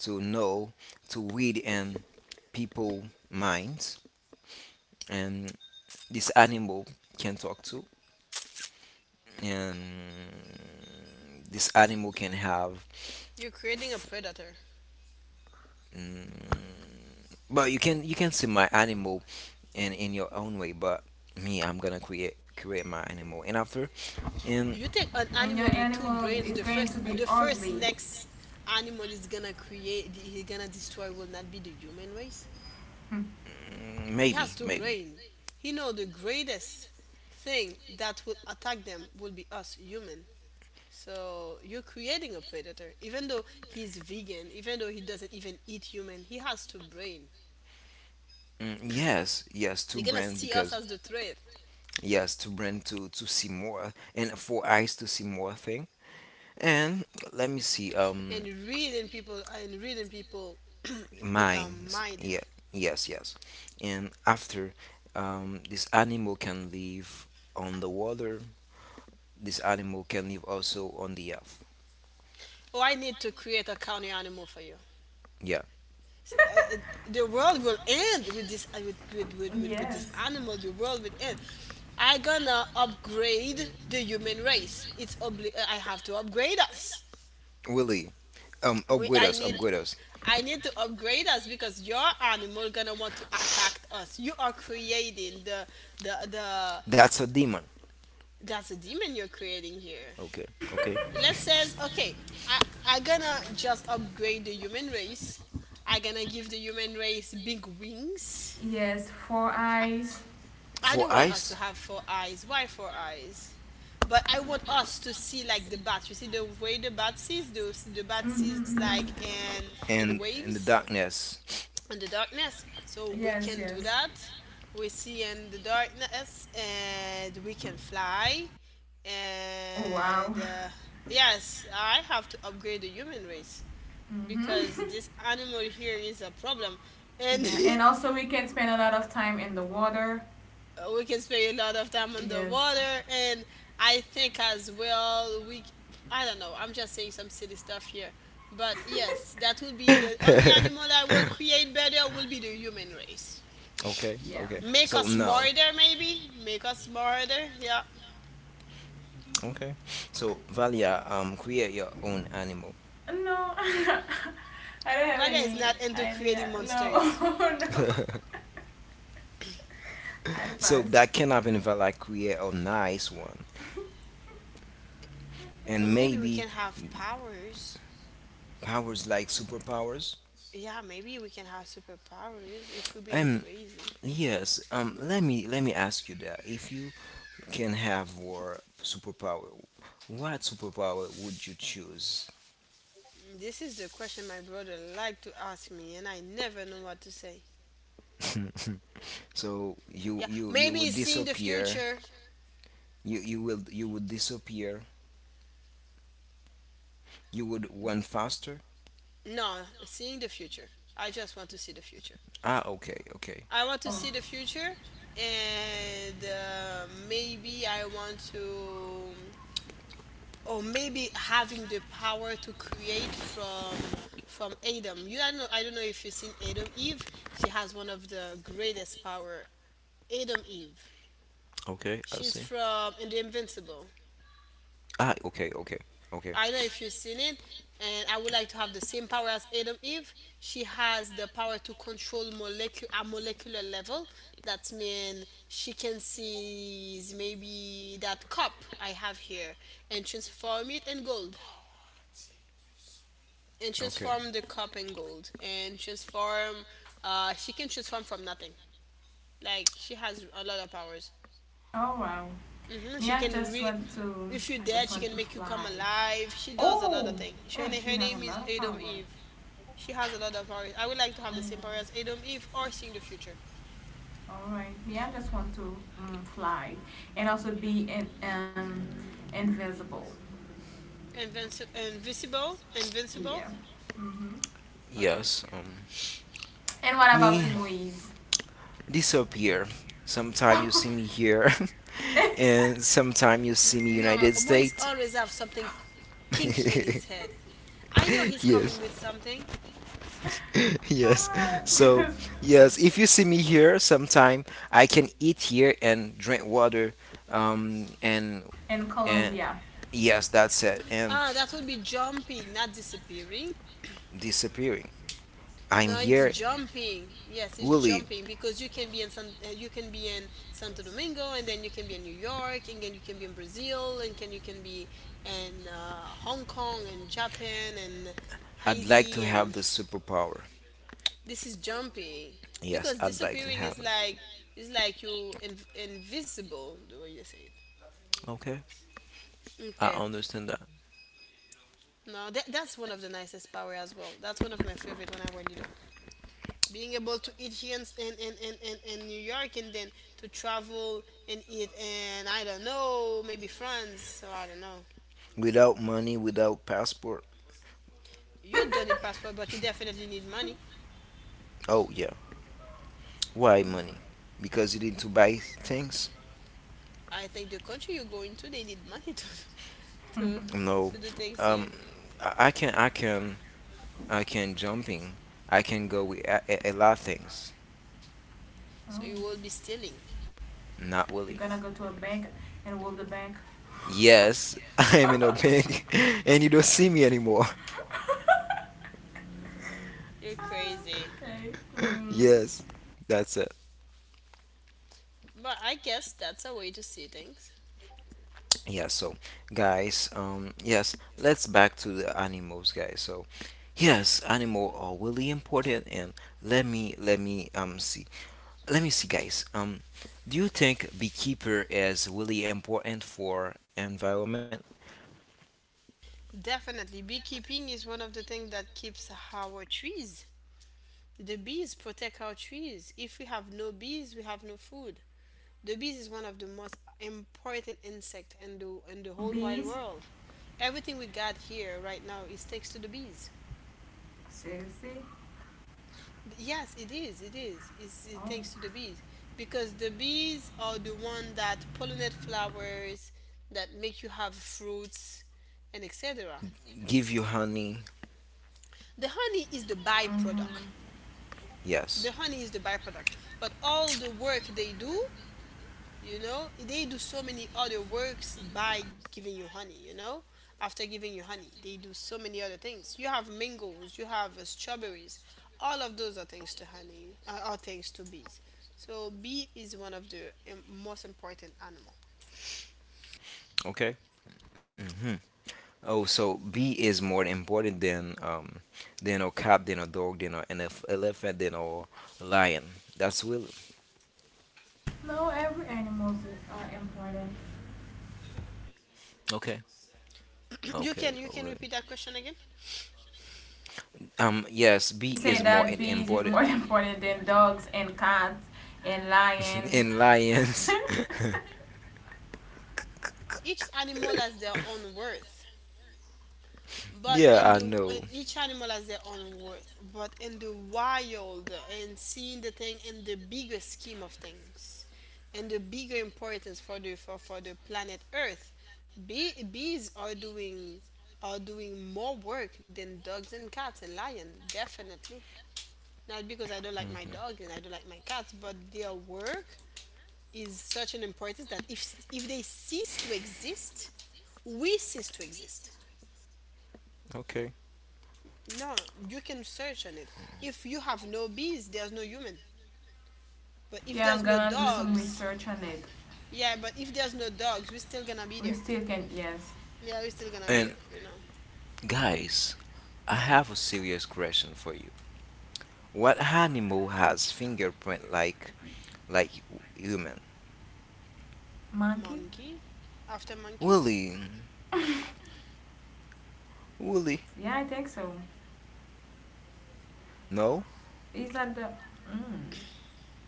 to know to read in people minds and this animal can talk to and this animal can have
You're creating a
f-
predator.
mm, but you can see my animal in your own way but me I'm gonna create my animal and after and
You take an
And your
animal with two
animal
brains.
is
The
going to
first
be ugly.
next animal is gonna create, he's gonna destroy, will not be the human race. He
maybe
has two
maybe
brain. He know the greatest thing that will attack them will be us human. So you're creating a predator. Even though he's vegan, even though he doesn't even eat human, he has two brain.
yes yes to
You're gonna
brand
see us
because
as the threat
yes to brand to see more and for eyes to see more thing and let me see
and reading people
mines.
mind.
Yeah, yes, yes. And after this animal can live on the water, this animal can live also on the earth.
Oh, I need to create a counter animal for you.
Yeah,
I- the world will end with this with this
yes.
animal the world will end. I gonna upgrade the human race. I have to upgrade us.
Willie. Upgrade
I
us,
need
upgrade us.
to upgrade us because your animal gonna want to attack us. You are creating the
That's a demon.
that's a demon you're creating here.
Okay, okay.
Let's says okay. i I gonna just upgrade the human race. I gonna give the human race big wings.
yes. Four eyes.
I
For
don't want us to
ice
have four eyes. Why four eyes? But I want us to see like the bat. You see the way the bat sees. The bat sees like
Hmm.
in
and in the
waves
darkness.
in the darkness. So we
Yes,
can do
yes.
that. We see in the darkness and we can fly.
Oh, wow.
And Yes, I have to upgrade the human race
Mm-hmm.
because this animal here is a problem. And
yeah, and also we can spend a lot of time in the water.
we can spend a lot of time
Yes.
underwater and I think as well we c- I don't know, I'm just saying some silly stuff here, but yes, that will be the only animal that will create better will be the human race.
Okay,
yeah.
okay.
Make
So
us
now,
smarter, maybe make us smarter, yeah.
okay. So Valia, create your own animal.
No, I don't have
Valia is
any
not into
idea.
creating
No,
monsters.
oh, no. I'll
So
pass.
that can happen if I like create a nice one,
Or
and
maybe we
maybe
can have powers.
powers like superpowers?
Yeah, maybe we can have superpowers if we're being
Um,
crazy.
yes. Let me ask you that. If you can have war superpower, what superpower would you choose?
This is the question my brother liked to ask me, and I never know what to say.
So you
Yeah,
you
maybe
would
it's seeing the
disappear.
future.
You will you would disappear. You would run faster.
No, seeing the future. I just want to see the future.
Ah, okay, okay,
I want to see
Oh.
the future, and maybe I want to, or maybe having the power to create from Adam. You, I don't know. I don't know if you've seen Adam Eve. She has one of the greatest power. Adam Eve.
okay. I
She's
see.
from in the Invincible.
Ah, okay, okay, okay,
I don't know if you've seen it, and I would like to have the same power as Adam Eve. She has the power to control a molecular level. That means she can seize maybe that cup I have here and transform it in gold. And
okay.
transform the cup in gold. And transform, she can transform from nothing. Like, she has a lot of powers.
Oh wow.
Hmm.
Me,
She
I
can
just
re.
want to.
If you're
I
dead,
just
she
want to
can make you come
fly.
alive. She does a lot
Oh.
of things. Her,
Oh, she
her
have
name
a
is
lot of
Adam
power.
Eve. She has a lot of powers. I would like to
Oh
have the same
yeah.
power as Adam Eve or seeing the future.
All right. Me, I just want to mm, fly and also be in, invisible.
Invisible? Invincible?
Yeah. Mm-hmm.
Okay.
Yes.
And what
Me
about Moise?
disappear. Sometime you see me here, and sometime you
N-
see me
No,
United
Moise
States.
always have something kinky in his head. I know he's coming
yes,
with something.
yes. So yes, if you see me here, sometime I can eat here and drink water. Um, and
In
and
Colombia.
yes, that's it. And
Ah, that would be jumping, not disappearing.
disappearing. I'm
No, it's
here,
jumping. Yes, it's
Willie.
jumping because you can be in you can be in Santo Domingo, and then you can be in New York, and then you can be in Brazil, and can you can be in Hong Kong, and Japan, and
I'd like
Haiti,
to have
and
the superpower.
this is jumping
Yes,
because
I'd like to
disappearing
have it.
is like you invisible the way you say it.
Okay, I
Okay,
understand that.
no, that, that's one of the nicest power as well. That's one of my favorite when I were little, being able to eat here in New York, and then to travel and eat and I don't know, maybe France, or I don't know.
Without money, without passport.
You don't need passport, but you definitely need money.
Oh yeah. Why money? Because you need to buy things?
I think the country you go into, they need money to to
No.
to do things there.
Um, I can, I can, I can jumping. I can go with a lot of things.
So
Oh,
you will be stealing.
Not
you're
really.
gonna go to a bank and rob the bank.
Yes, I am in a bank, and you don't see me anymore.
You're
Ah,
crazy.
okay. Mm.
Yes, that's it.
But I guess that's a way to see things.
Yeah. So, guys, yes, let's back to the animals, guys. So, yes, animal are really important, and see. Let me see, guys. Do you think beekeeper is really important for environment?
Definitely, beekeeping is one of the things that keeps our trees. The bees protect our trees. If we have no bees, we have no food. The bees is one of the most important insect in the whole wide
Bees?
world. Everything we got here right now is thanks to the bees.
Seriously?
Yes, it is. It is. It's it
Oh.
thanks to the bees because the bees are the one that pollinate flowers, that make you have fruits, and etc.
Give you honey?
The honey is the
Mm-hmm.
byproduct. The
Yes.
honey is the byproduct. But all the work they do, you know, they do so many other works by giving you honey, you know? After giving you honey, they do so many other things. You have mangoes, you have strawberries. All of those are thanks to honey, are thanks to bees. So bee is one of the most important animal.
Okay. hmm Oh, so bee is more important than a cat, than a dog, than a, an elephant, than a lion. That's will.
No, every animals are important.
Okay.
you
Okay.
can you can
Okay.
repeat that question again.
Yes, bee
You
is
say
more
that bees is
important
more important than dogs and cats and lion.
in lions.
Each animal has their own worth. But in
yeah, I
the
know.
each animal has their own worth. But in the wild, and seeing the thing in the bigger scheme of things, and the bigger importance for for the planet Earth, bees are doing more work than dogs and cats and lions. Definitely not because I don't like my dog and I don't like my cats, but their work is such an importance that if they cease to exist, we cease to exist.
Okay.
No, you can search on it. If you have no bees, there's no human. But if
Yeah, I'm
there's no
gonna do some research on it.
yeah, but if there's no dogs, we're still gonna be
We
there.
still can, yes.
Yeah, we're still gonna be
And
there, you know.
guys, I have a serious question for you. What animal has fingerprint like human?
Monkey?
Monkey? After monkeys?
Willy, Willy.
Yeah, I think so.
No,
Is that the mm,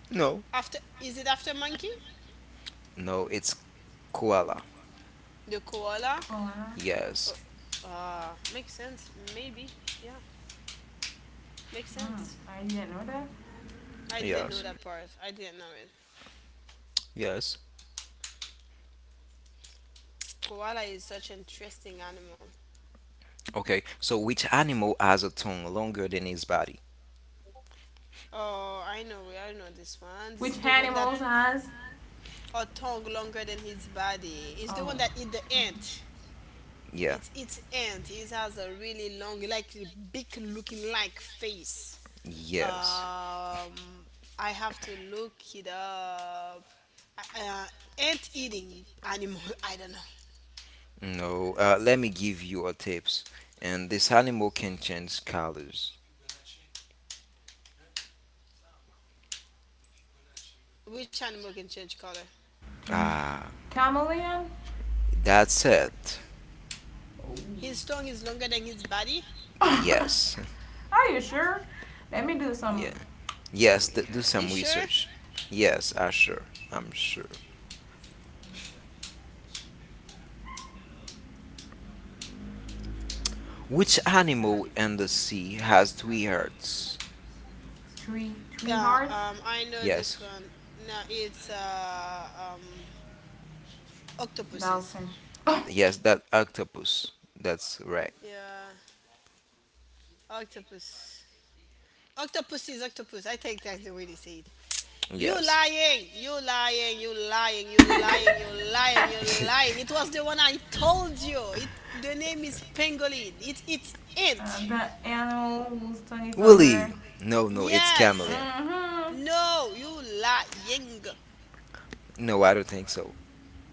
no,
After, is it after monkey?
No. It's koala.
The koala?
koala?
Yes,
Oh, ah, makes sense. Maybe. Yeah, makes
Mm,
sense.
I didn't know that.
I didn't
yes,
know that part. I didn't know it.
yes.
Koala is such an interesting animal.
Okay. So which animal has a tongue longer than his body?
Oh, I know. I know this one. This is
Which
the one that
animals has?
or tongue longer than his body. It's the
Oh,
one that eat the ant.
Yeah.
It's ant. It has a really long, like big looking like face.
Yes.
Um, I have to look it up. Uh, ant eating animal. I don't know
No. Let me give you a tips. And this animal can change colors.
which animal can change color.
change.
Ah,
Chameleon?
that's it.
His tongue is longer than his body.
Yes.
Are you sure? Let me do
Yeah.
some. Wait,
Do
You
some
sure?
research. Yes, I sure. I'm sure. Which animal in the sea has three hearts?
three
Yeah.
hearts.
I know this
Yes,
one. No, it's octopuses.
Dolphin.
yes, that octopus. That's right.
Yeah, octopus. Octopus is octopus. I think that's the way they say it. You
Yes.
lying, you lying, you lying, you lying, you lying, you lying. It was the one I told you. It the name is pangolin. It's ant.
The animal whose tongue is longer.
Willie! No, no, it's
Yes.
chameleon.
Mm-hmm.
No, you lying.
No, I don't think so.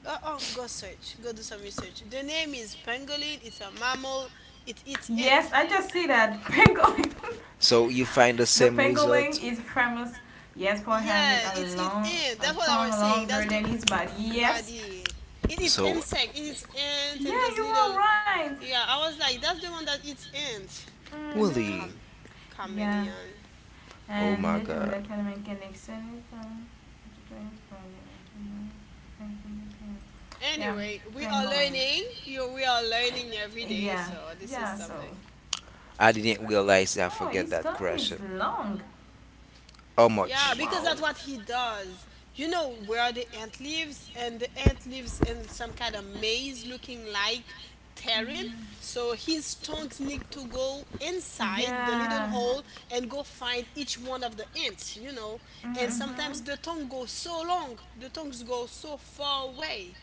Oh, oh, go search. Go do some research. The name is pangolin. It's a mammal. It eats
Yes,
ant.
I just see that pangolin.
So you find the
The
same
pangolin
result?
is famous. Yes, for having
Yeah,
a
it's it
long,
ant.
a
That's what I
tongue
was saying.
longer
That's the
than his body. Yes.
body. It eats
So,
insect. It eats ants
Yeah,
and those
you are
little.
right.
Yeah, I was like, that's the one that eats ants. You said
Mm-hmm.
Willie.
Yeah.
chameleon.
Oh
And
my
let me that
god.
me can extend it from yeah,
Anyway, we are
pangolin.
learning. You, we are learning every day.
Yeah,
So this is
yeah. So
something.
I didn't realize I
oh,
forget
his
that
tongue is
question.
long.
How
Yeah,
much?
because
Wow.
that's what he does. You know where the ant lives, and the ant lives in some kind of maze looking like terrain. So his tongues need to go inside the little
Yeah.
hole and go find each one of the ants, you know. And
Mm-hmm.
sometimes the tongue goes so long, the tongues go so far away.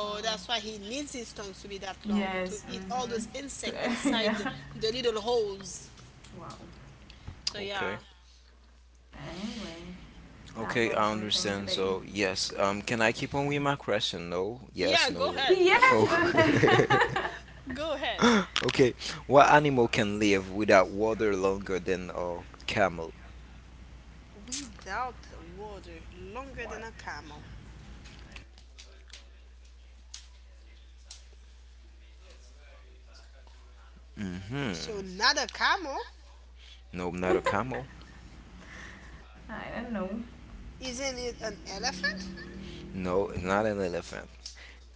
Wow.
that's why he needs his tongues to be that long to
Yes.
eat all those insects
Mm-hmm.
inside
yeah.
the little holes.
Wow.
So yeah.
Okay.
Anyway, I've
Okay,
learned
I
something
understand.
today.
So, yes, can I keep on with my question? No, yes,
Yeah,
no.
go
Oh,
ahead.
yes,
Oh,
go ahead.
Go ahead.
okay. What animal can live without water longer than a camel?
Without water longer than a camel. So
Mm-hmm.
not a camel?
No, not a camel.
I don't know.
Isn't it an elephant?
No, not an elephant.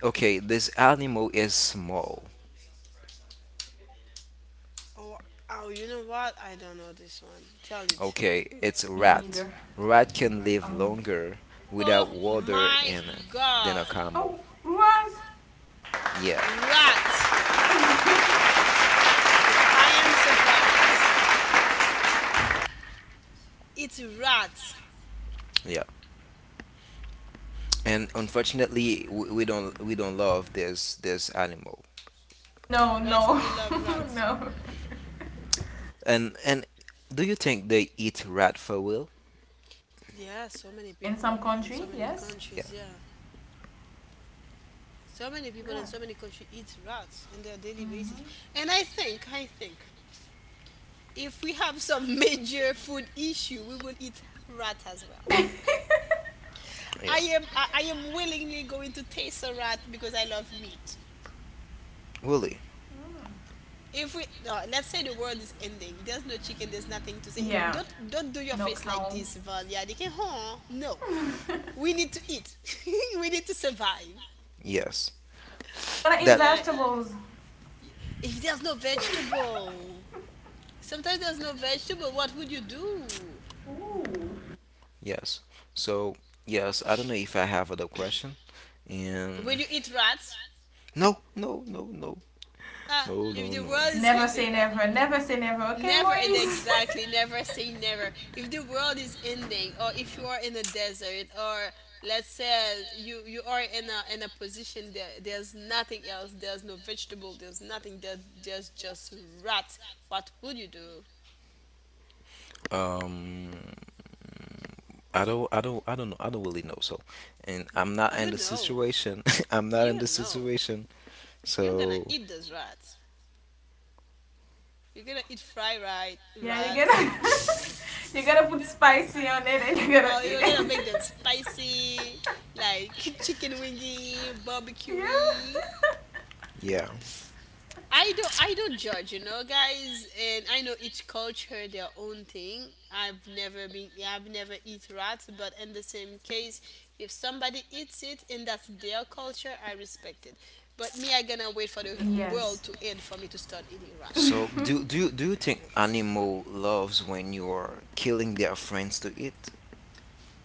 Okay, this animal is small.
Oh, oh, you know what? I don't know this one. Tell it.
Okay, it's
Me
rat.
neither.
Rat can live
Oh.
longer without
Oh
water
my
in than a
God!
camel.
Oh, what?
Yeah,
Rat. No, I am surprised. It's rats.
yeah. And unfortunately we don't love this animal
No,
Why should
no,
we love rats?
no.
and do you think they eat rat for will
Yeah, so many
In
people
some
in so
country,
many
yes.
countries.
yeah
Yeah, so many
You're
people in
like,
so many countries eat rats in their daily
mm-hmm.
basis. I think if we have some major food issue, we will eat rat as well.
yeah
I am willingly going to taste a rat because I love meat.
really
mm.
If we no, let's say the world is ending, there's no chicken, there's nothing to say. And
Yeah,
don't do your
no
face like
cow.
this, Valia. They can huh? No,
Gonna
we need to eat. We need to survive.
yes
eat
that
So
vegetables.
if there's no vegetable, sometimes there's no vegetable. What would you do?
yes so yes I don't know if I have other question and
Will you eat rats?
no no no no
Ah,
no
if
no
the
no
world is
Never say
ending,
never. Never say never. Okay,
Never e-,
Moise.
exactly, never say never. If the world is ending, or if you are in a desert, or let's say you are in a position, there's nothing else, there's no vegetable, there's nothing there, there's just rat. What would you do?
um I don't I don't I don't know I don't really know so and I'm not in
You
the
know.
situation I'm not in
You
the
know.
situation
You're gonna
so
eat those rats. You're gonna eat fried
yeah, you're
rats.
gonna you're gonna put spicy on it and you're gonna
Oh,
eat
you're gonna
it.
make them spicy, like chicken wingy,
yeah.
barbecue.
yeah.
I don't judge, you know, guys, and I know each culture their own thing. I've never been yeah, I've never eat rats, but in the same case, if somebody eats it and that's their culture, I respect it. But me, I gonna wait for the world
yes.
to end for me to start eating rat.
So do do you think animal loves when you're killing their friends to eat?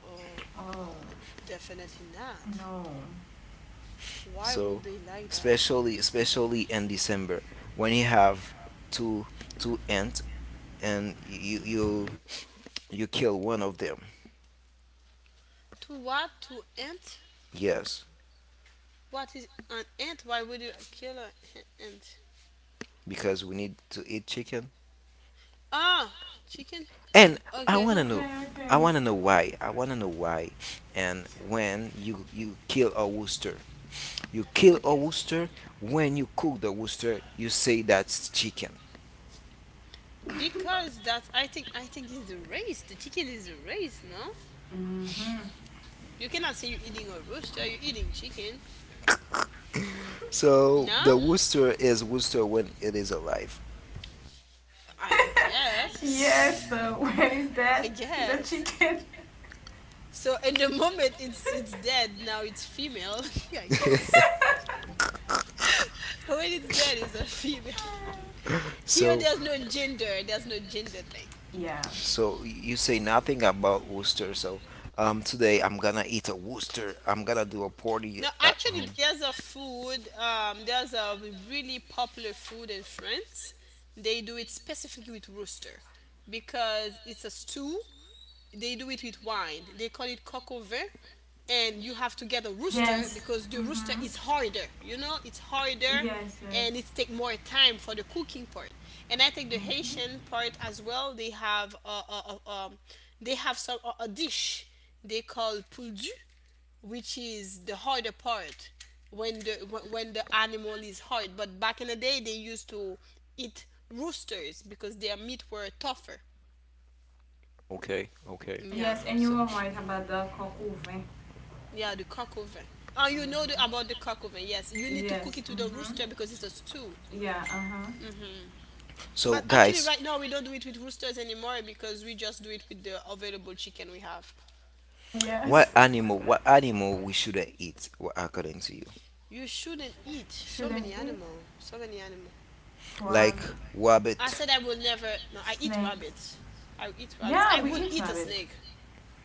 Oh,
Oh
uh, definitely not.
no.
Why would
So
they like that?
especially especially in December when you have two two ants and you you kill one of them.
To what? To ant?
Yes,
What is an ant? Why would you kill an ant?
because we need to eat chicken.
Ah, chicken?
And I
Okay,
want to know
Okay,
I
okay.
want to know why. I want to know why. And when you kill a rooster, you kill a
okay.
rooster when you cook the rooster, you say that's chicken.
Because that's I think it's the race. The chicken is the race, no? You cannot say you're eating a rooster, you're eating chicken.
So
No?
the rooster is rooster when it is alive.
I
Yes. Yeah,
guess.
so when is
I
that? He's a
guess.
chicken.
So in the moment it's dead, now it's female, I guess. When it's dead it's a female. Here
so
there's no gender thing.
yeah.
so you say nothing about rooster. So today I'm gonna eat a rooster. I'm gonna do a party
No,
at
actually,
home.
there's a food. There's a really popular food in France. They do it specifically with rooster because it's a stew they do it with wine. They call it coq au vin, and you have to get a rooster
Yes.
because the rooster
Mhm.
is harder. You know, it's harder,
Yes. Yes.
and it takes more time for the cooking part. And I think the
Mhm.
Haitian part as well. They have a they have some a dish they call poudu, which is the harder part when when the animal is hard. But back in the day, they used to eat roosters because their meat were tougher.
Okay, okay.
Yeah.
Yes, and you
So
were right about the Kokuve.
yeah, the cock oven. Oh, you know about the cock oven. Yes, you need to cook
Yes.
it with a
Mm-hmm.
rooster because it's a stew.
Yeah. Uh-huh.
So
But actually,
guys,
right now we don't do it with roosters anymore because we just do it with the available chicken we have.
what
Yes.
animal? What animal we shouldn't eat? According to you,
You shouldn't
Sh-
eat so
shouldn't
many
eat
animal. So many animal.
like
frog,
I
rabbit.
said I will never. No, I eat
snakes.
rabbits. I will eat rabbits.
Yeah,
I
we
will
eat
eat a
rabbits.
snake.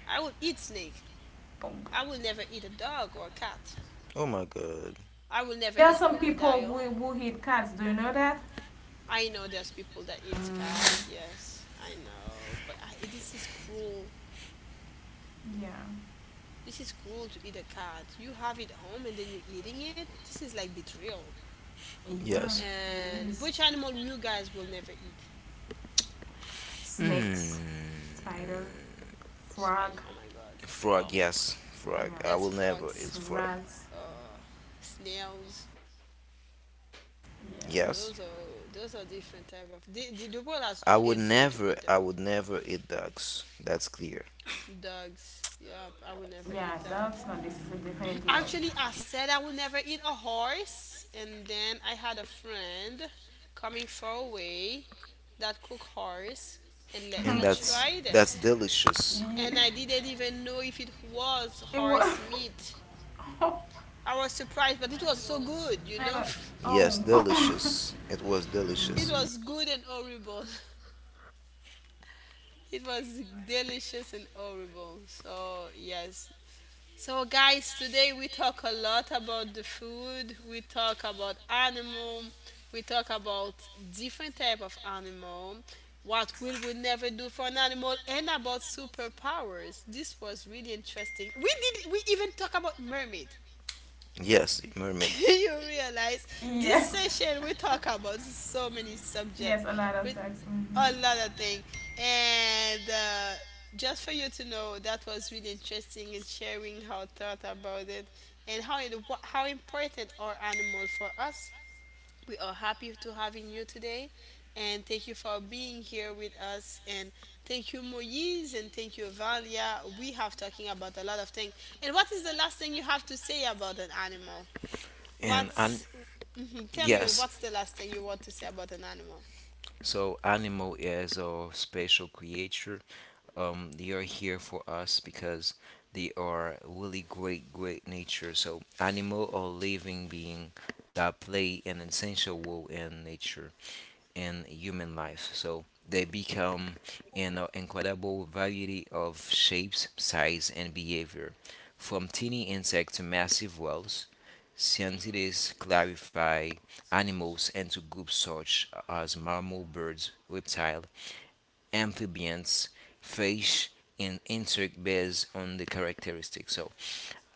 I will eat snake. I will never eat a dog or a cat.
Oh my god.
I will never
There are
eat
some people
crocodile.
who eat cats. Do you know that?
I know there's people that eat cats.
Mm-hmm.
Yes, I know, but this is cruel.
Yeah.
This is cruel to eat a cat. You have it home and then you're eating it. This is like betrayal.
Yeah,
Yes.
it
And
is.
which animal you guys will never eat?
Snakes,
Hmm.
spider,
Spider.
frog,
Oh my god. Oh
Frog. Yes. Frog.
yeah,
I
yes,
will never eat
frogs.
frog.
rats.
Uh, snails.
Yeah.
Yes.
Those are different type of. The world has to end for me to eat them.
I would never eat ducks. That's clear,
Dogs. Yep, I will never
Yeah,
eat that.
dogs. No, this is a definitely no.
Actually, I said I will never eat a horse, and then I had a friend coming far away that cooked horse and let
and
me try
that's
it.
delicious.
And
You,
I didn't even know if it was
it was.
horse meat.
I
I was surprised, but it was so good, you know?
know.
Yes,
Oh.
delicious. It was
It
delicious.
was good and horrible. It was delicious and horrible. So, yes, so, guys, today we talk a lot about the food. We talk about animal. We talk about different type of animal. What will we never do for an animal, and about superpowers. This was really interesting. We did. We even talk about mermaid.
Yes, mermaid.
Can you realize this
yes.
session we talk about so many
Yes,
subject
a lot of
with
tax. Hmm.
a lot of things. And just for you to know, that was really interesting in sharing how thought about it and how it, how important are animal for us. We are happy to having you today, and thank you for being here with us. And thank you, Moise, and thank you, Valia. We have talking about a lot of things. And what is the last thing you have to say about an animal?
And I,
What's mhm, tell me
yes,
what's the last thing you want to say about an animal?
so animal is a special creature. They are here for us because they are really great nature. So animal are living being that play an essential role in nature and human life. So they become an incredible variety of shapes, size, and behavior, from teeny insect to massive whales. Scientists clarify animals into groups such as mammal birds, reptile, amphibians, fish, and insect based on the characteristics. So,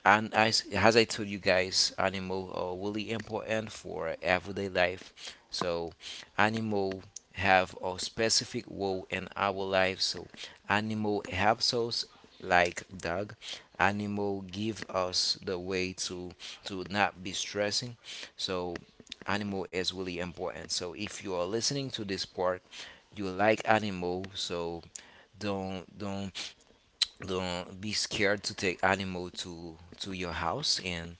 and as I told you guys, animal are really important for everyday life. So, animal have a specific role in our lives. So, animal helps us like dog. Animal give us the way to not be stressing. So animal is really important. So if you are listening to this part, you like animal, so don't don't be scared to take animal to your house and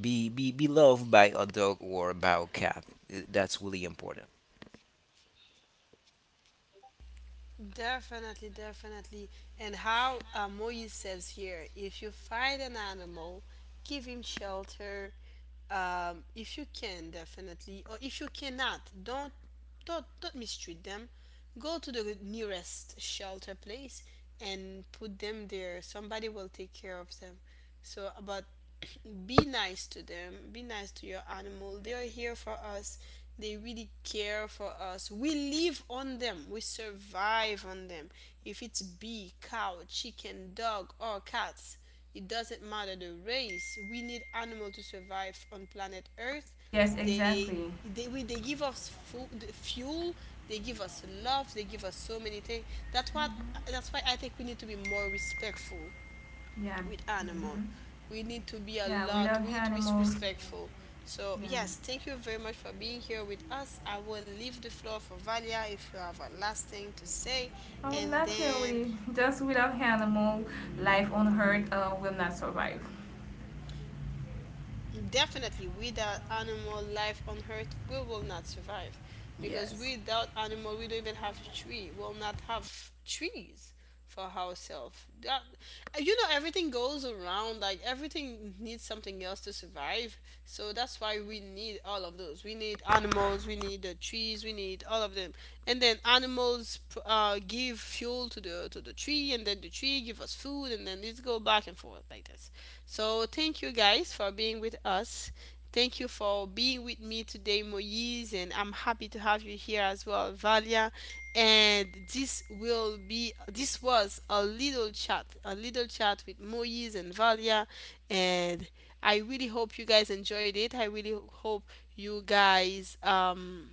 be loved by a dog or by a cat. That's really important.
Definitely, definitely. And how Moise says here if you find an animal, give him shelter. If you can, definitely. Or if you cannot, don't mistreat them. Go to the nearest shelter place and put them there. Somebody will take care of them. So, but be nice to them. Be nice to your animal. They are here for us. They really care for us. We live on them. We survive on them. If it's bee, cow, chicken, dog, or cats, it doesn't matter the race. We need animal to survive on planet Earth.
Yes,
They
exactly.
they give us food, fuel. They give us love. They give us so many things. That's what. That's why I think we need to be more respectful
Yeah.
with
Hmm.
animal. We need to be a
Yeah, without
lot. We need to be
animals.
respectful. So
Yeah.
yes, thank you very much for being here with us. I will leave the floor for Valia if you have a last thing to say,
Oh,
and
not
then
really. Just without animal, life on Earth will not survive.
definitely, without animal life on Earth, we will not survive. Because
Yes.
without animal, we don't even have tree. We'll not have trees for ourselves. That, you know, everything goes around. Like everything needs something else to survive. So that's why we need all of those. We need animals. We need the trees. We need all of them. And then give fuel to the tree, and then the tree give us food, and then it go back and forth like this. So thank you guys for being with us. Thank you for being with me today, Moise, and I'm happy to have you here as well, Valia. And this will be this was a little chat with Moise and Valia, and I really hope you guys enjoyed it. I really hope you guys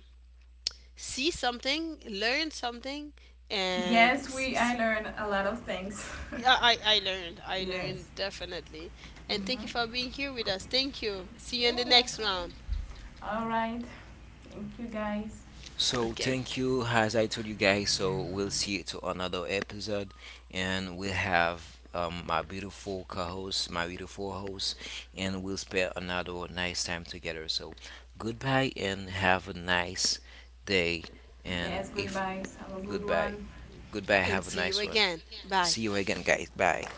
see something, learn something, and
Yes, we. I
s-
learned a lot of things.
yeah, I learned. I learned
yes.
definitely. And thank you for
Mm-hmm.
being here with us. Thank you. See you in the next round.
All right. Thank you, guys.
So
Okay.
thank you, as I told you guys. So we'll see you to another episode, and we'll have my beautiful co-host, my beautiful host, and we'll spend another nice time together. So goodbye and have a nice day. And
Yes.
if
Goodbyes. Have a good
goodbye,
one.
goodbye,
And
have a
see you
nice one.
again. Bye.
See you again, guys. Bye.